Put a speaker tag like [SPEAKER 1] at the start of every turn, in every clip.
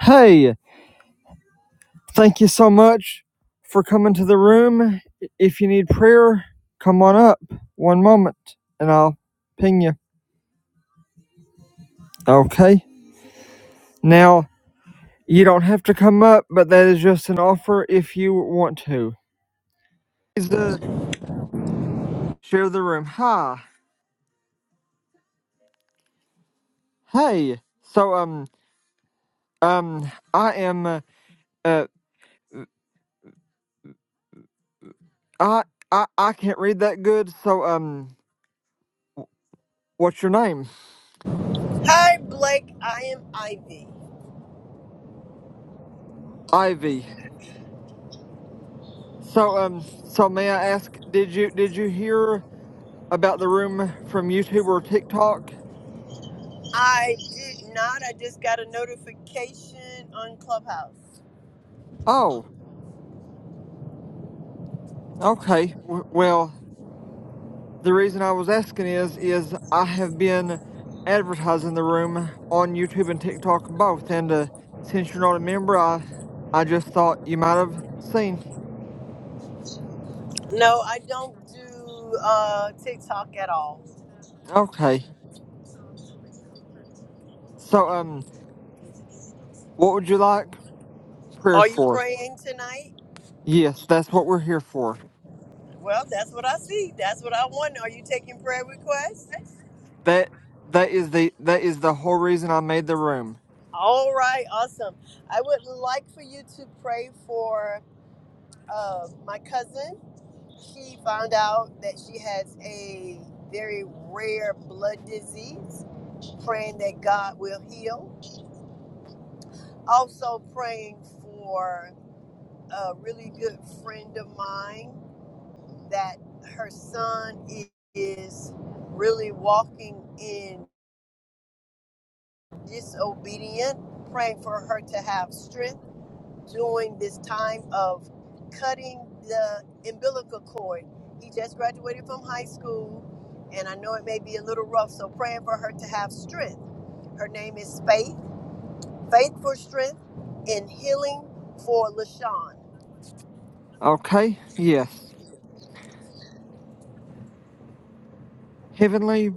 [SPEAKER 1] Hey, thank you so much for coming to the room. If you need prayer, come on up one moment and I'll ping you. Okay. Now, you don't have to come up, but that is just an offer if you want to. Please uh, share the room. Hi. Hey. So, um, um, I am, uh, uh, I, I, I can't read that good. So, um, what's your name?
[SPEAKER 2] Hi, Blake. I am Ivy.
[SPEAKER 1] Ivy. So, um, so may I ask, did you, did you hear? about the room from YouTube or TikTok?
[SPEAKER 2] I did not. I just got a notification on Clubhouse.
[SPEAKER 1] Oh, okay. W- well, the reason I was asking is, is I have been advertising the room on YouTube and TikTok both, and uh, since you're not a member, I, I just thought you might have seen.
[SPEAKER 2] No, I don't do uh, TikTok at all.
[SPEAKER 1] Okay. So, um, what would you like prayer
[SPEAKER 2] Are you
[SPEAKER 1] for?
[SPEAKER 2] praying tonight?
[SPEAKER 1] Yes, that's what we're here for.
[SPEAKER 2] Well, that's what I see. That's what I want. Are you taking prayer requests?
[SPEAKER 1] That that is the that is the whole reason I made the room.
[SPEAKER 2] All right, awesome. I would like for you to pray for uh, my cousin. she found out that she has a very rare blood disease, praying that God will heal. Also, praying for a really good friend of mine that her son is really walking in disobedient, praying for her to have strength during this time of cutting the umbilical cord. He just graduated from high school, and I know it may be a little rough, so praying for her to have strength. Her name is Faith, Faith for Strength and Healing for LaShawn.
[SPEAKER 1] Okay? Yes. Heavenly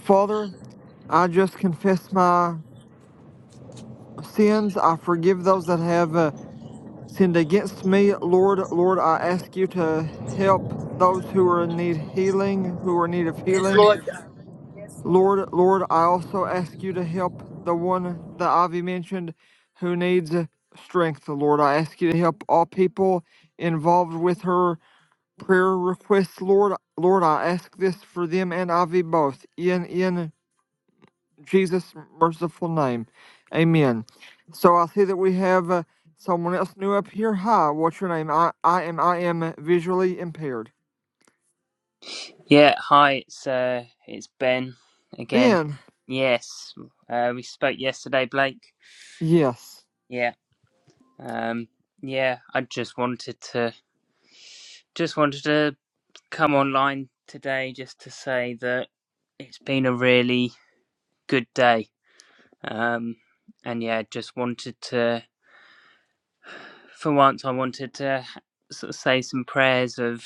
[SPEAKER 1] Father, I just confess my sins. I forgive those that have uh, sinned against me. Lord, Lord, I ask you to help those who are in need healing, who are in need of
[SPEAKER 2] Yes,
[SPEAKER 1] healing.
[SPEAKER 2] Lord God.
[SPEAKER 1] Lord, Lord, I also ask you to help the one that Ivy mentioned who needs strength, Lord. I ask you to help all people involved with her prayer requests, Lord. Lord, I ask this for them and Ivy both. In in Jesus' merciful name. Amen. So I see that we have uh, someone else new up here. Hi, what's your name? I, I am I am visually impaired.
[SPEAKER 3] Yeah, hi, it's uh, it's Ben again.
[SPEAKER 1] Ben.
[SPEAKER 3] Yes, uh, we spoke yesterday, Blake.
[SPEAKER 1] Yes.
[SPEAKER 3] Yeah, um, yeah, I just wanted to just wanted to come online today just to say that it's been a really good day. Um, and yeah, just wanted to for once I wanted to sort of say some prayers of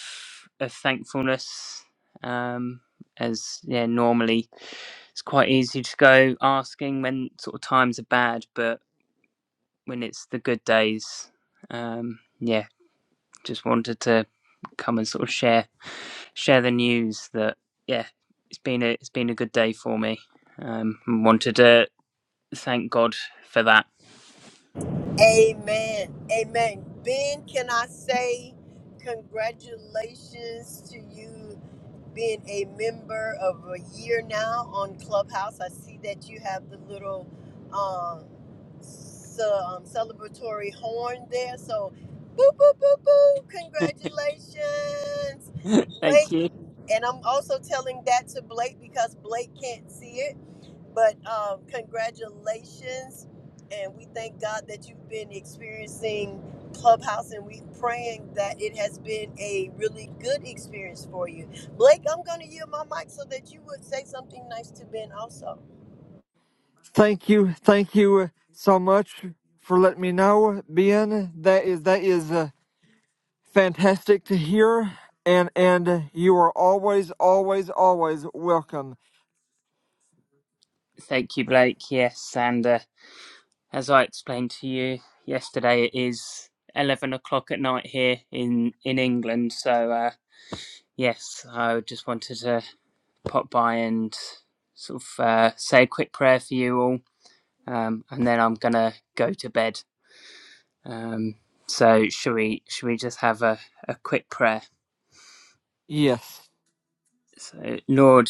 [SPEAKER 3] of thankfulness um as yeah normally it's quite easy to go asking when sort of times are bad but when it's the good days um yeah just wanted to come and sort of share share the news that yeah it's been a it's been a good day for me um and wanted to thank God for that
[SPEAKER 2] Amen. Amen. Ben, can I say congratulations to you? being a member of a year now on Clubhouse. I see that you have the little um, ce- um, celebratory horn there. So, boo, boo, boo, boo, congratulations,
[SPEAKER 3] thank
[SPEAKER 2] Blake.
[SPEAKER 3] you
[SPEAKER 2] And I'm also telling that to Blake because Blake can't see it. But um, congratulations, and we thank God that you've been experiencing Clubhouse, and we're praying that it has been a really good experience for you. Blake, I'm going to yield my mic so that you would say something nice to Ben also.
[SPEAKER 1] Thank you. Thank you uh, so much for letting me know, Ben. That is that is uh, fantastic to hear, and and you are always always always welcome.
[SPEAKER 3] thank you Blake yes and uh, As I explained to you yesterday, it is 11 o'clock at night here in, in England. So, uh, yes, I just wanted to pop by and sort of uh, say a quick prayer for you all. Um, and then I'm going to go to bed. Um, so, should we, should we just have a, a quick prayer?
[SPEAKER 1] Yes.
[SPEAKER 3] So, Lord,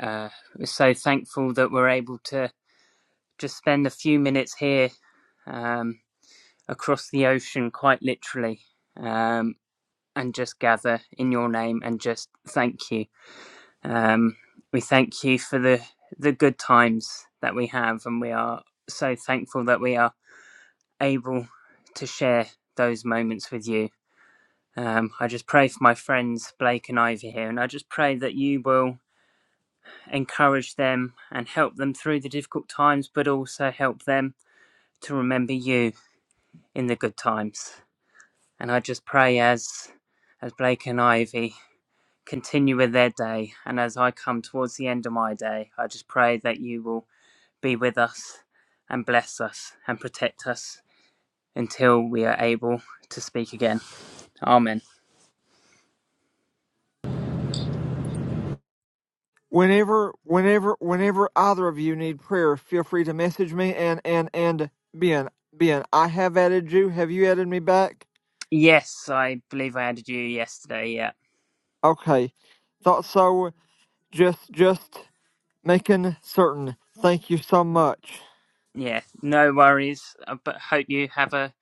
[SPEAKER 3] uh, we're so thankful that we're able to just spend a few minutes here um, across the ocean, quite literally. Um, and just gather in your name and just thank you. Um, we thank you for the, the good times that we have, and we are so thankful that we are able to share those moments with you. Um, I just pray for my friends Blake and Ivy here, and I just pray that you will encourage them and help them through the difficult times, but also help them to remember you in the good times. And I just pray as as Blake and Ivy continue with their day. And as I come towards the end of my day, I just pray that you will be with us and bless us and protect us until we are able to speak again. Amen.
[SPEAKER 1] whenever whenever whenever either of you need prayer feel free to message me and and and ben ben i have added you have you added me back
[SPEAKER 3] Yes, I believe I added you yesterday. Yeah.
[SPEAKER 1] okay thought so just just making certain thank you so much
[SPEAKER 3] Yeah. No worries. uh, But hope you have a,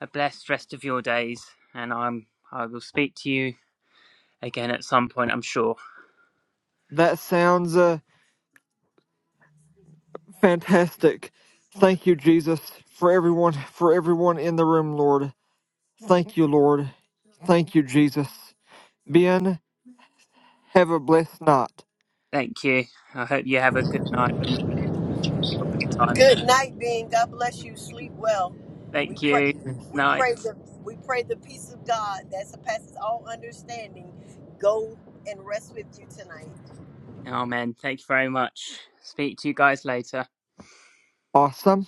[SPEAKER 3] a blessed rest of your days. And I'm I will speak to you again at some point, I'm sure.
[SPEAKER 1] that sounds uh, fantastic thank you jesus for everyone for everyone in the room lord thank you lord thank you jesus ben have a blessed night
[SPEAKER 3] Thank you. I hope you have a good night when it's your bedtime.
[SPEAKER 2] Good night, Ben. God bless you. Sleep well. We
[SPEAKER 3] Thank
[SPEAKER 2] pray.
[SPEAKER 3] you.
[SPEAKER 1] yes.
[SPEAKER 2] We
[SPEAKER 3] Night.
[SPEAKER 2] pray the we pray the peace of God that surpasses all understanding go and rest with you tonight.
[SPEAKER 3] Oh man, thank you very much. Speak to you guys later.
[SPEAKER 1] awesome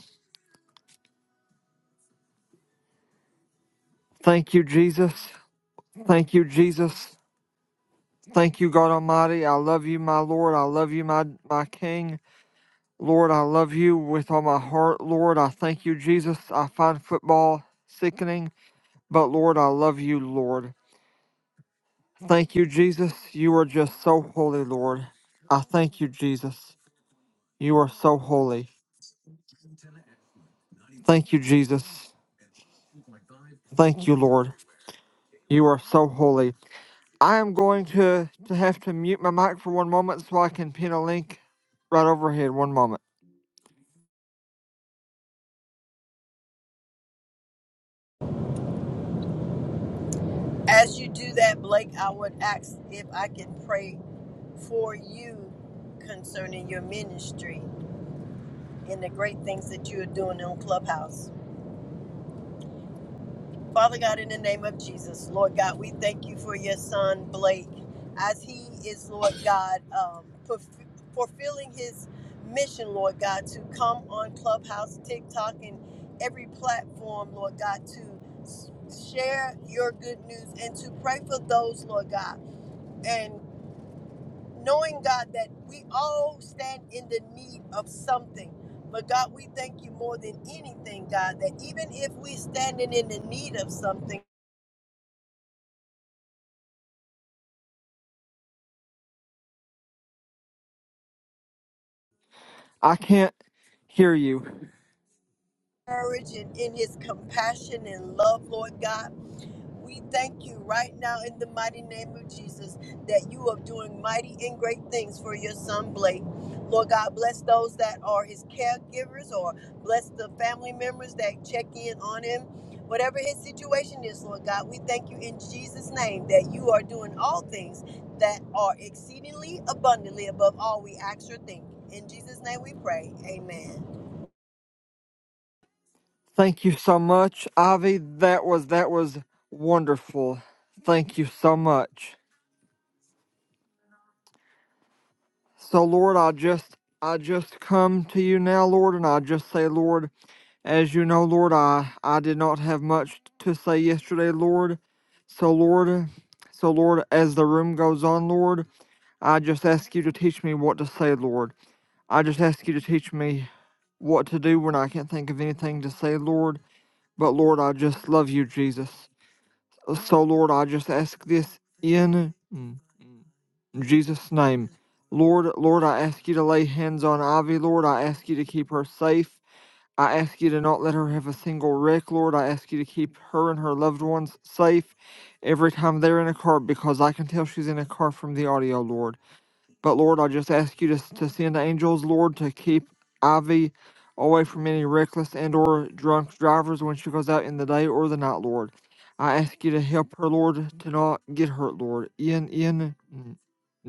[SPEAKER 1] Thank you, Jesus. Thank you, Jesus. Thank you, God Almighty. I love you, my Lord. I love you, my, my King. Lord, I love you with all my heart. Lord, I thank you, Jesus. I find football sickening, but Lord, I love you, Lord. Thank you, Jesus. You are just so holy, Lord. I thank you, Jesus. You are so holy. Thank you, Jesus. Thank you, Lord. You are so holy. I am going to, to have to mute my mic for one moment so I can pin a link right overhead. One moment.
[SPEAKER 2] As you do that, Blake, I would ask if I can pray for you concerning your ministry and the great things that you are doing on Clubhouse. Father God, in the name of Jesus, Lord God, we thank you for your son, Blake, as he is, Lord God, um, fulf- fulfilling his mission, Lord God, to come on Clubhouse, TikTok, and every platform, Lord God, to share your good news and to pray for those, Lord God. and. knowing God that we all stand in the need of something. But God, we thank you more than anything, God, that even if we standing in the need of something,
[SPEAKER 1] I can't hear you.
[SPEAKER 2] courage and in His compassion and love, Lord God. We thank you right now in the mighty name of Jesus that you are doing mighty and great things for your son Blake. Lord God, bless those that are his caregivers or bless the family members that check in on him. Whatever his situation is, Lord God, we thank you in Jesus' name that you are doing all things that are exceedingly abundantly above all we ask or think. In Jesus' name we pray. Amen.
[SPEAKER 1] Thank you so much, Ivy. That was that was wonderful. Thank you so much. So Lord, I just I just come to you now, Lord, and I just say, Lord, as you know, Lord, I I did not have much to say yesterday, Lord. So Lord, so Lord, as the room goes on, Lord, I just ask you to teach me what to say, Lord. I just ask you to teach me what to do when I can't think of anything to say, Lord. But Lord, I just love you, Jesus. So, Lord, I just ask this in mm, Jesus' name. Lord, Lord, I ask you to lay hands on Ivy, Lord. I ask you to keep her safe. I ask you to not let her have a single wreck, Lord. I ask you to keep her and her loved ones safe every time they're in a car because I can tell she's in a car from the audio, Lord. But Lord, I just ask you to, to send angels, Lord, to keep Ivy away from any reckless and or drunk drivers when she goes out in the day or the night, Lord. I ask you to help her, Lord, to not get hurt, Lord. In in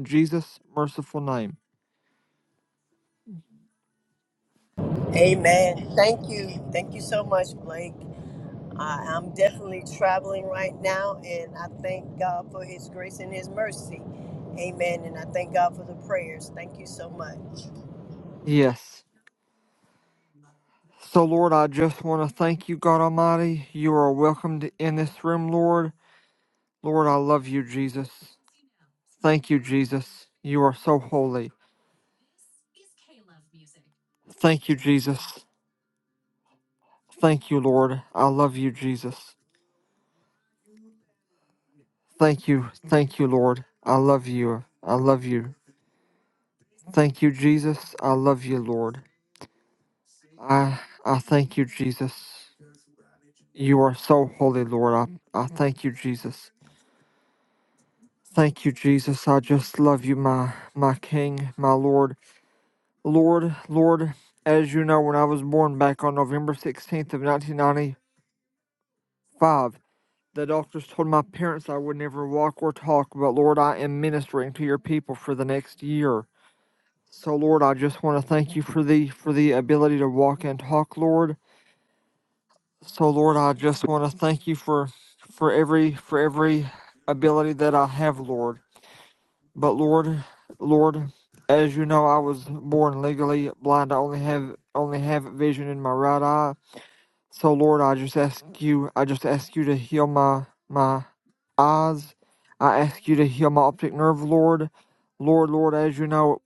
[SPEAKER 1] Jesus' merciful name.
[SPEAKER 2] Amen. Thank you. Thank you so much, Blake. I, I'm definitely traveling right now, and I thank God for His grace and His mercy. Amen. And I thank God for the prayers. Thank you so much.
[SPEAKER 1] Yes. So Lord, I just want to thank you, God Almighty. You are welcomed in this room, Lord. Lord, I love you, Jesus. Thank you, Jesus. You are so holy. Thank you, Jesus. Thank you, Lord. I love you, Jesus. Thank you. Thank you, Lord. I love you. I love you. Thank you, Jesus. I love you, Lord. I I thank you, Jesus. You are so holy, Lord. I, I thank you, Jesus. Thank you, Jesus. I just love you, my my King, my Lord. Lord, Lord, as you know, when I was born back on November 16th of 1995, the doctors told my parents I would never walk or talk, but Lord, I am ministering to your people for the next year. So Lord, I just want to thank you for the for the ability to walk and talk, Lord. So Lord, I just want to thank you for for every for every ability that I have, Lord. But Lord, Lord, as you know, I was born legally blind. I only have only have vision in my right eye. So Lord, I just ask you, I just ask you to heal my my eyes. I ask you to heal my optic nerve, Lord. Lord, Lord, as you know,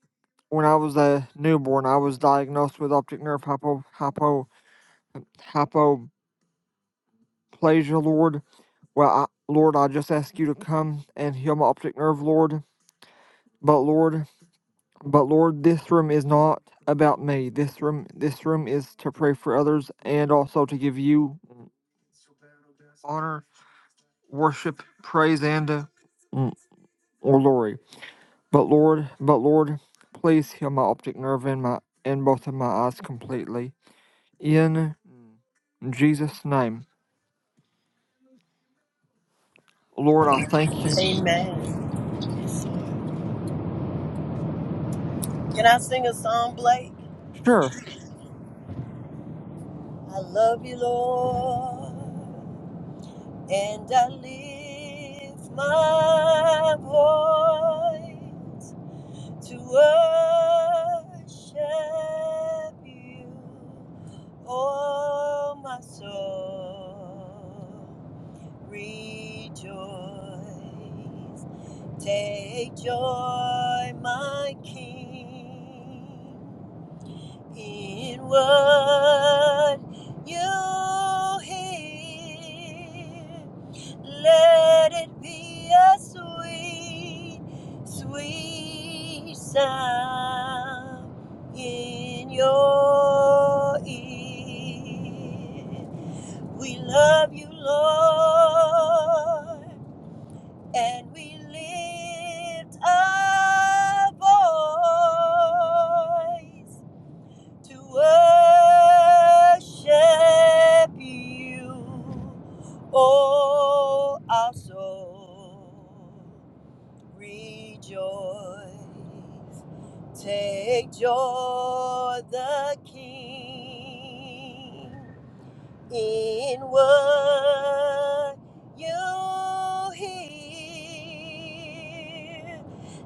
[SPEAKER 1] when I was a newborn, I was diagnosed with optic nerve hypo, hypo, hypoplasia, Lord. Well, I, Lord, I just ask you to come and heal my optic nerve, Lord. But Lord, but Lord, this room is not about me. This room, this room is to pray for others and also to give you honor, worship, praise, and uh, mm, or glory. But Lord, but Lord, please heal my optic nerve and my and both of my eyes completely in Jesus' name. Lord, I thank you.
[SPEAKER 2] Amen. Can I sing a song, Blake?
[SPEAKER 1] Sure.
[SPEAKER 2] I love you, Lord, and I lift my voice to worship you, oh my soul. Rejoice. Take joy, my King, in what you hear. Let it be a sweet, sweet sound in your ear. We love you, Lord and we lift our voice to worship you, oh our soul. Rejoice, take joy, the King in what you hear.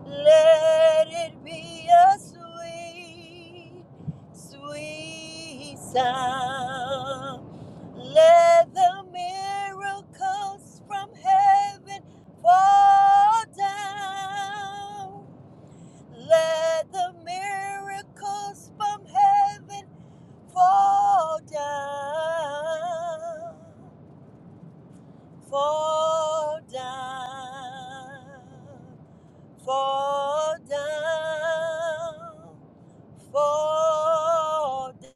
[SPEAKER 2] Let it be a sweet, sweet sound. Let the miracles from heaven fall down. Let the miracles from heaven Fall down, fall down, fall down, fall down.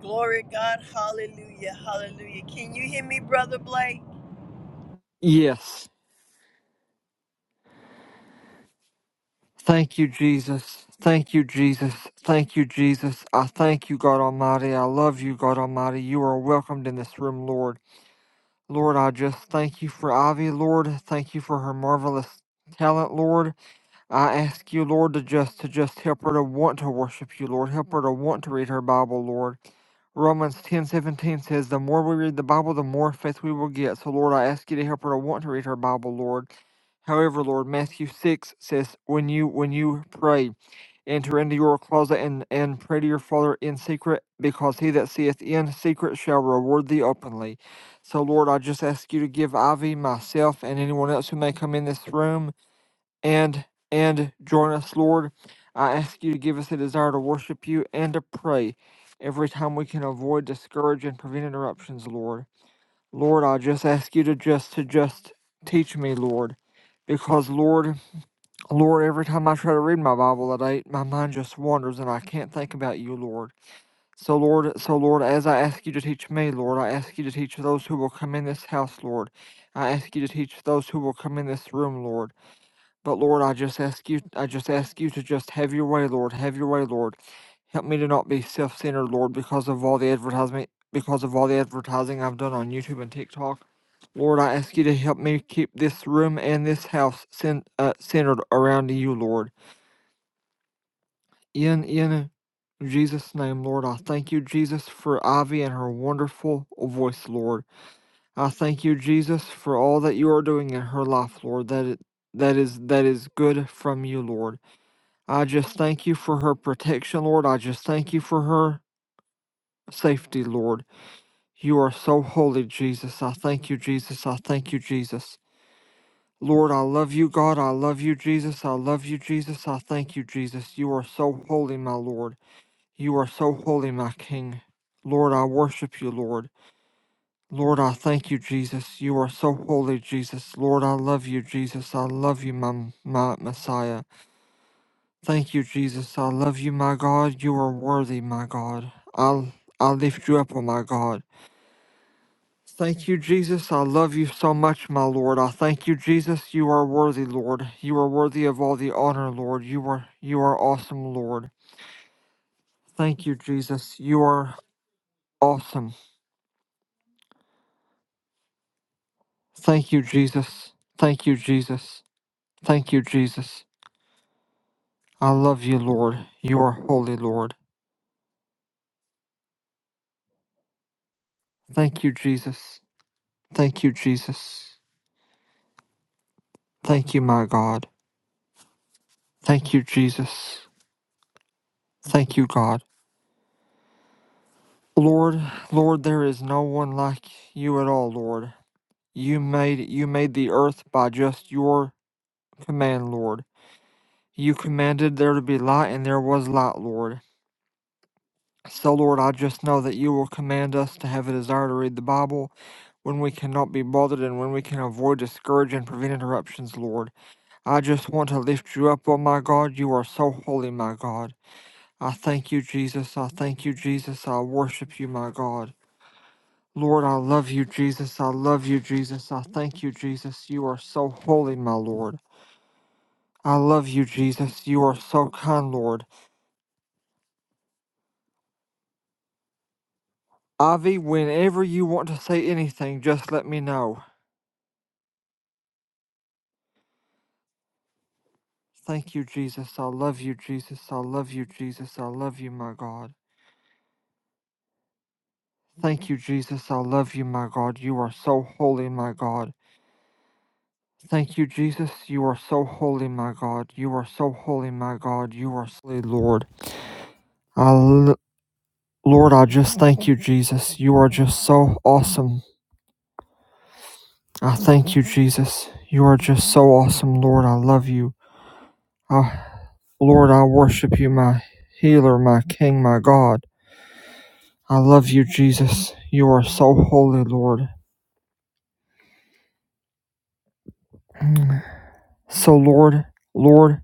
[SPEAKER 2] Glory to God, hallelujah, hallelujah. Can you hear me, Brother Blake?
[SPEAKER 1] Yes. Thank you, Jesus. Thank you, Jesus. Thank you, Jesus. I thank you, God Almighty. I love you, God Almighty. You are welcomed in this room, Lord. Lord, I just thank you for Ivy, Lord. Thank you for her marvelous talent, Lord. I ask you, Lord, to just to just help her to want to worship you, Lord. Help her to want to read her Bible, Lord. Romans ten seventeen says, The more we read the Bible, the more faith we will get. So, Lord, I ask you to help her to want to read her Bible, Lord. However, Lord, Matthew 6 says, When you when you pray, enter into your closet and, and pray to your Father in secret, because he that seeth in secret shall reward thee openly. So, Lord, I just ask you to give Ivy, myself, and anyone else who may come in this room and and join us, Lord. I ask you to give us a desire to worship you and to pray every time we can avoid discourage and prevent interruptions, Lord. Lord, I just ask you to just to just teach me, Lord. Because Lord, Lord, every time I try to read my Bible at eight, my mind just wanders and I can't think about you, Lord. So Lord, so Lord, as I ask you to teach me, Lord, I ask you to teach those who will come in this house, Lord. I ask you to teach those who will come in this room, Lord. But Lord, I just ask you, I just ask you to just have your way, Lord, have your way, Lord. Help me to not be self-centered, Lord, because of all the advertisement, because of all the advertising I've done on YouTube and TikTok. Lord, I ask you to help me keep this room and this house cen- uh, centered around you, Lord. In in Jesus' name, Lord, I thank you, Jesus, for Ivy and her wonderful voice, Lord. I thank you, Jesus, for all that you are doing in her life, Lord. That it, that is that is good from you, Lord. I just thank you for her protection, Lord. I just thank you for her safety, Lord. You are so holy, Jesus. I thank you, Jesus. I thank you, Jesus. Lord, I love you, God. I love you, Jesus. I love you, Jesus. I thank you, Jesus. You are so holy, my Lord. You are so holy, my King. Lord, I worship you, Lord. Lord, I thank you, Jesus. You are so holy, Jesus. Lord, I love you, Jesus. I love you, my, my Messiah. Thank you, Jesus. I love you, my God. You are worthy, my God. I I lift you up, oh my God. Thank you, Jesus. I love you so much, my Lord. I thank you, Jesus. You are worthy, Lord. You are worthy of all the honor, Lord. You are you are awesome, Lord. Thank you, Jesus. You are awesome. Thank you, Jesus. Thank you, Jesus. Thank you, Jesus. I love you, Lord. You are holy, Lord. Thank you, Jesus. Thank you, Jesus. Thank you, my God. Thank you, Jesus. Thank you, God. Lord, Lord, there is no one like you at all, Lord. You made you made the earth by just your command, Lord. You commanded there to be light and there was light, Lord. So Lord, I just know that you will command us to have a desire to read the Bible when we cannot be bothered and when we can avoid discourage and prevent interruptions, Lord. I just want to lift you up, oh my God. You are so holy, my God. I thank you, Jesus. I thank you, Jesus. I worship you, my God. Lord, I love you, Jesus. I love you, Jesus. I thank you, Jesus. You are so holy, my Lord. I love you, Jesus. You are so kind, Lord. Ivy, whenever you want to say anything, just let me know. Thank you, Jesus. I love you, Jesus. I love you, Jesus. I love you, my God. Thank you, Jesus. I love you, my God. You are so holy, my God. Thank you, Jesus. You are so holy, my God. You are so holy, my God. You are so holy, Lord. I, l- Lord, I just thank you, Jesus. You are just so awesome. I thank you, Jesus. You are just so awesome, Lord. I love you. I, Lord, I worship you, my healer, my king, my God. I love you, Jesus. You are so holy, Lord. So, Lord, Lord.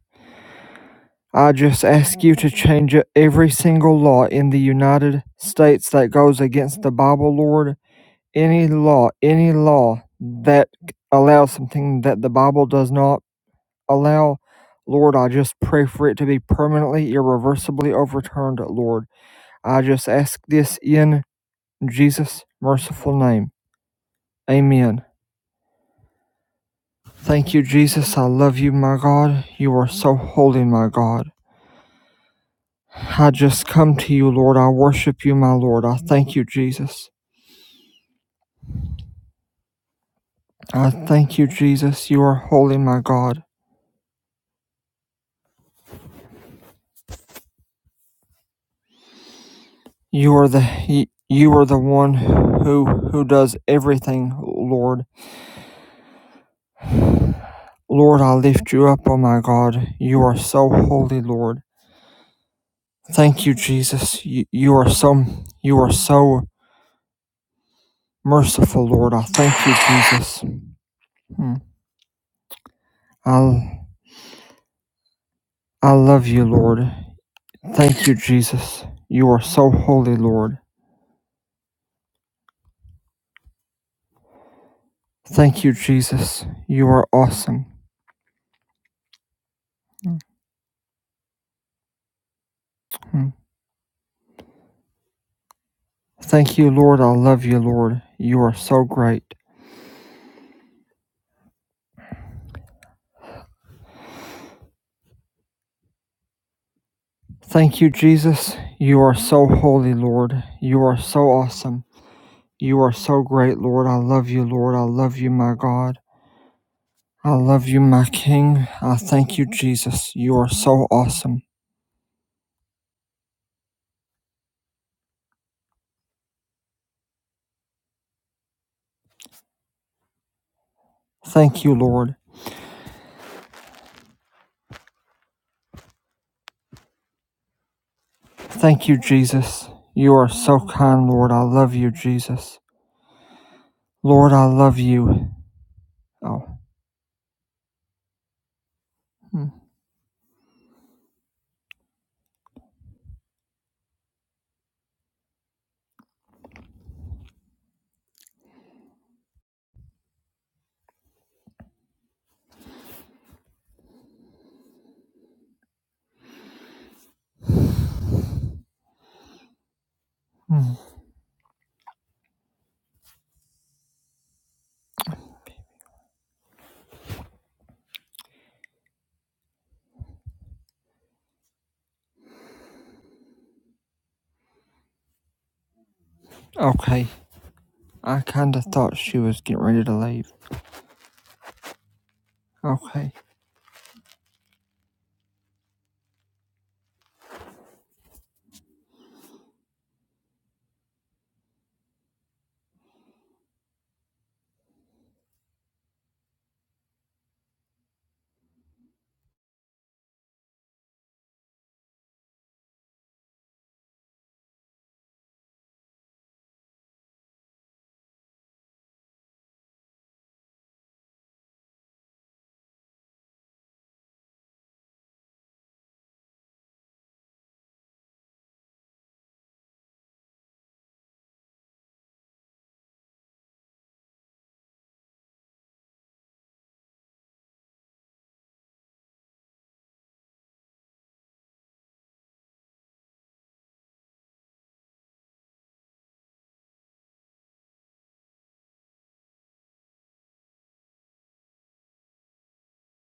[SPEAKER 1] I just ask you to change every single law in the United States that goes against the Bible, Lord. Any law, any law that allows something that the Bible does not allow, Lord, I just pray for it to be permanently, irreversibly overturned, Lord. I just ask this in Jesus' merciful name. Amen. Thank you, Jesus. I love you, my God. You are so holy, my God. I just come to you, Lord. I worship you, my Lord. I thank you, Jesus. I thank you, Jesus. You are holy, my God. You are the you are the one who who does everything, Lord. Lord, I lift you up, oh my God. You are so holy, Lord. Thank you, Jesus. You, you are so you are so merciful, Lord. I thank you, Jesus. Hmm. I I love you, Lord. Thank you, Jesus. You are so holy, Lord. Thank you, Jesus. You are awesome. Mhm. Thank you, Lord. I love you, Lord. You are so great. Thank you, Jesus. You are so holy, Lord. You are so awesome. You are so great, Lord. I love you, Lord. I love you, my God. I love you, my King. I thank you, Jesus. You are so awesome. Thank you, Lord. Thank you, Jesus. You are so kind, Lord. I love you, Jesus. Lord, I love you. Oh, mm, mm. okay. I kinda thought she was getting ready to leave. Okay.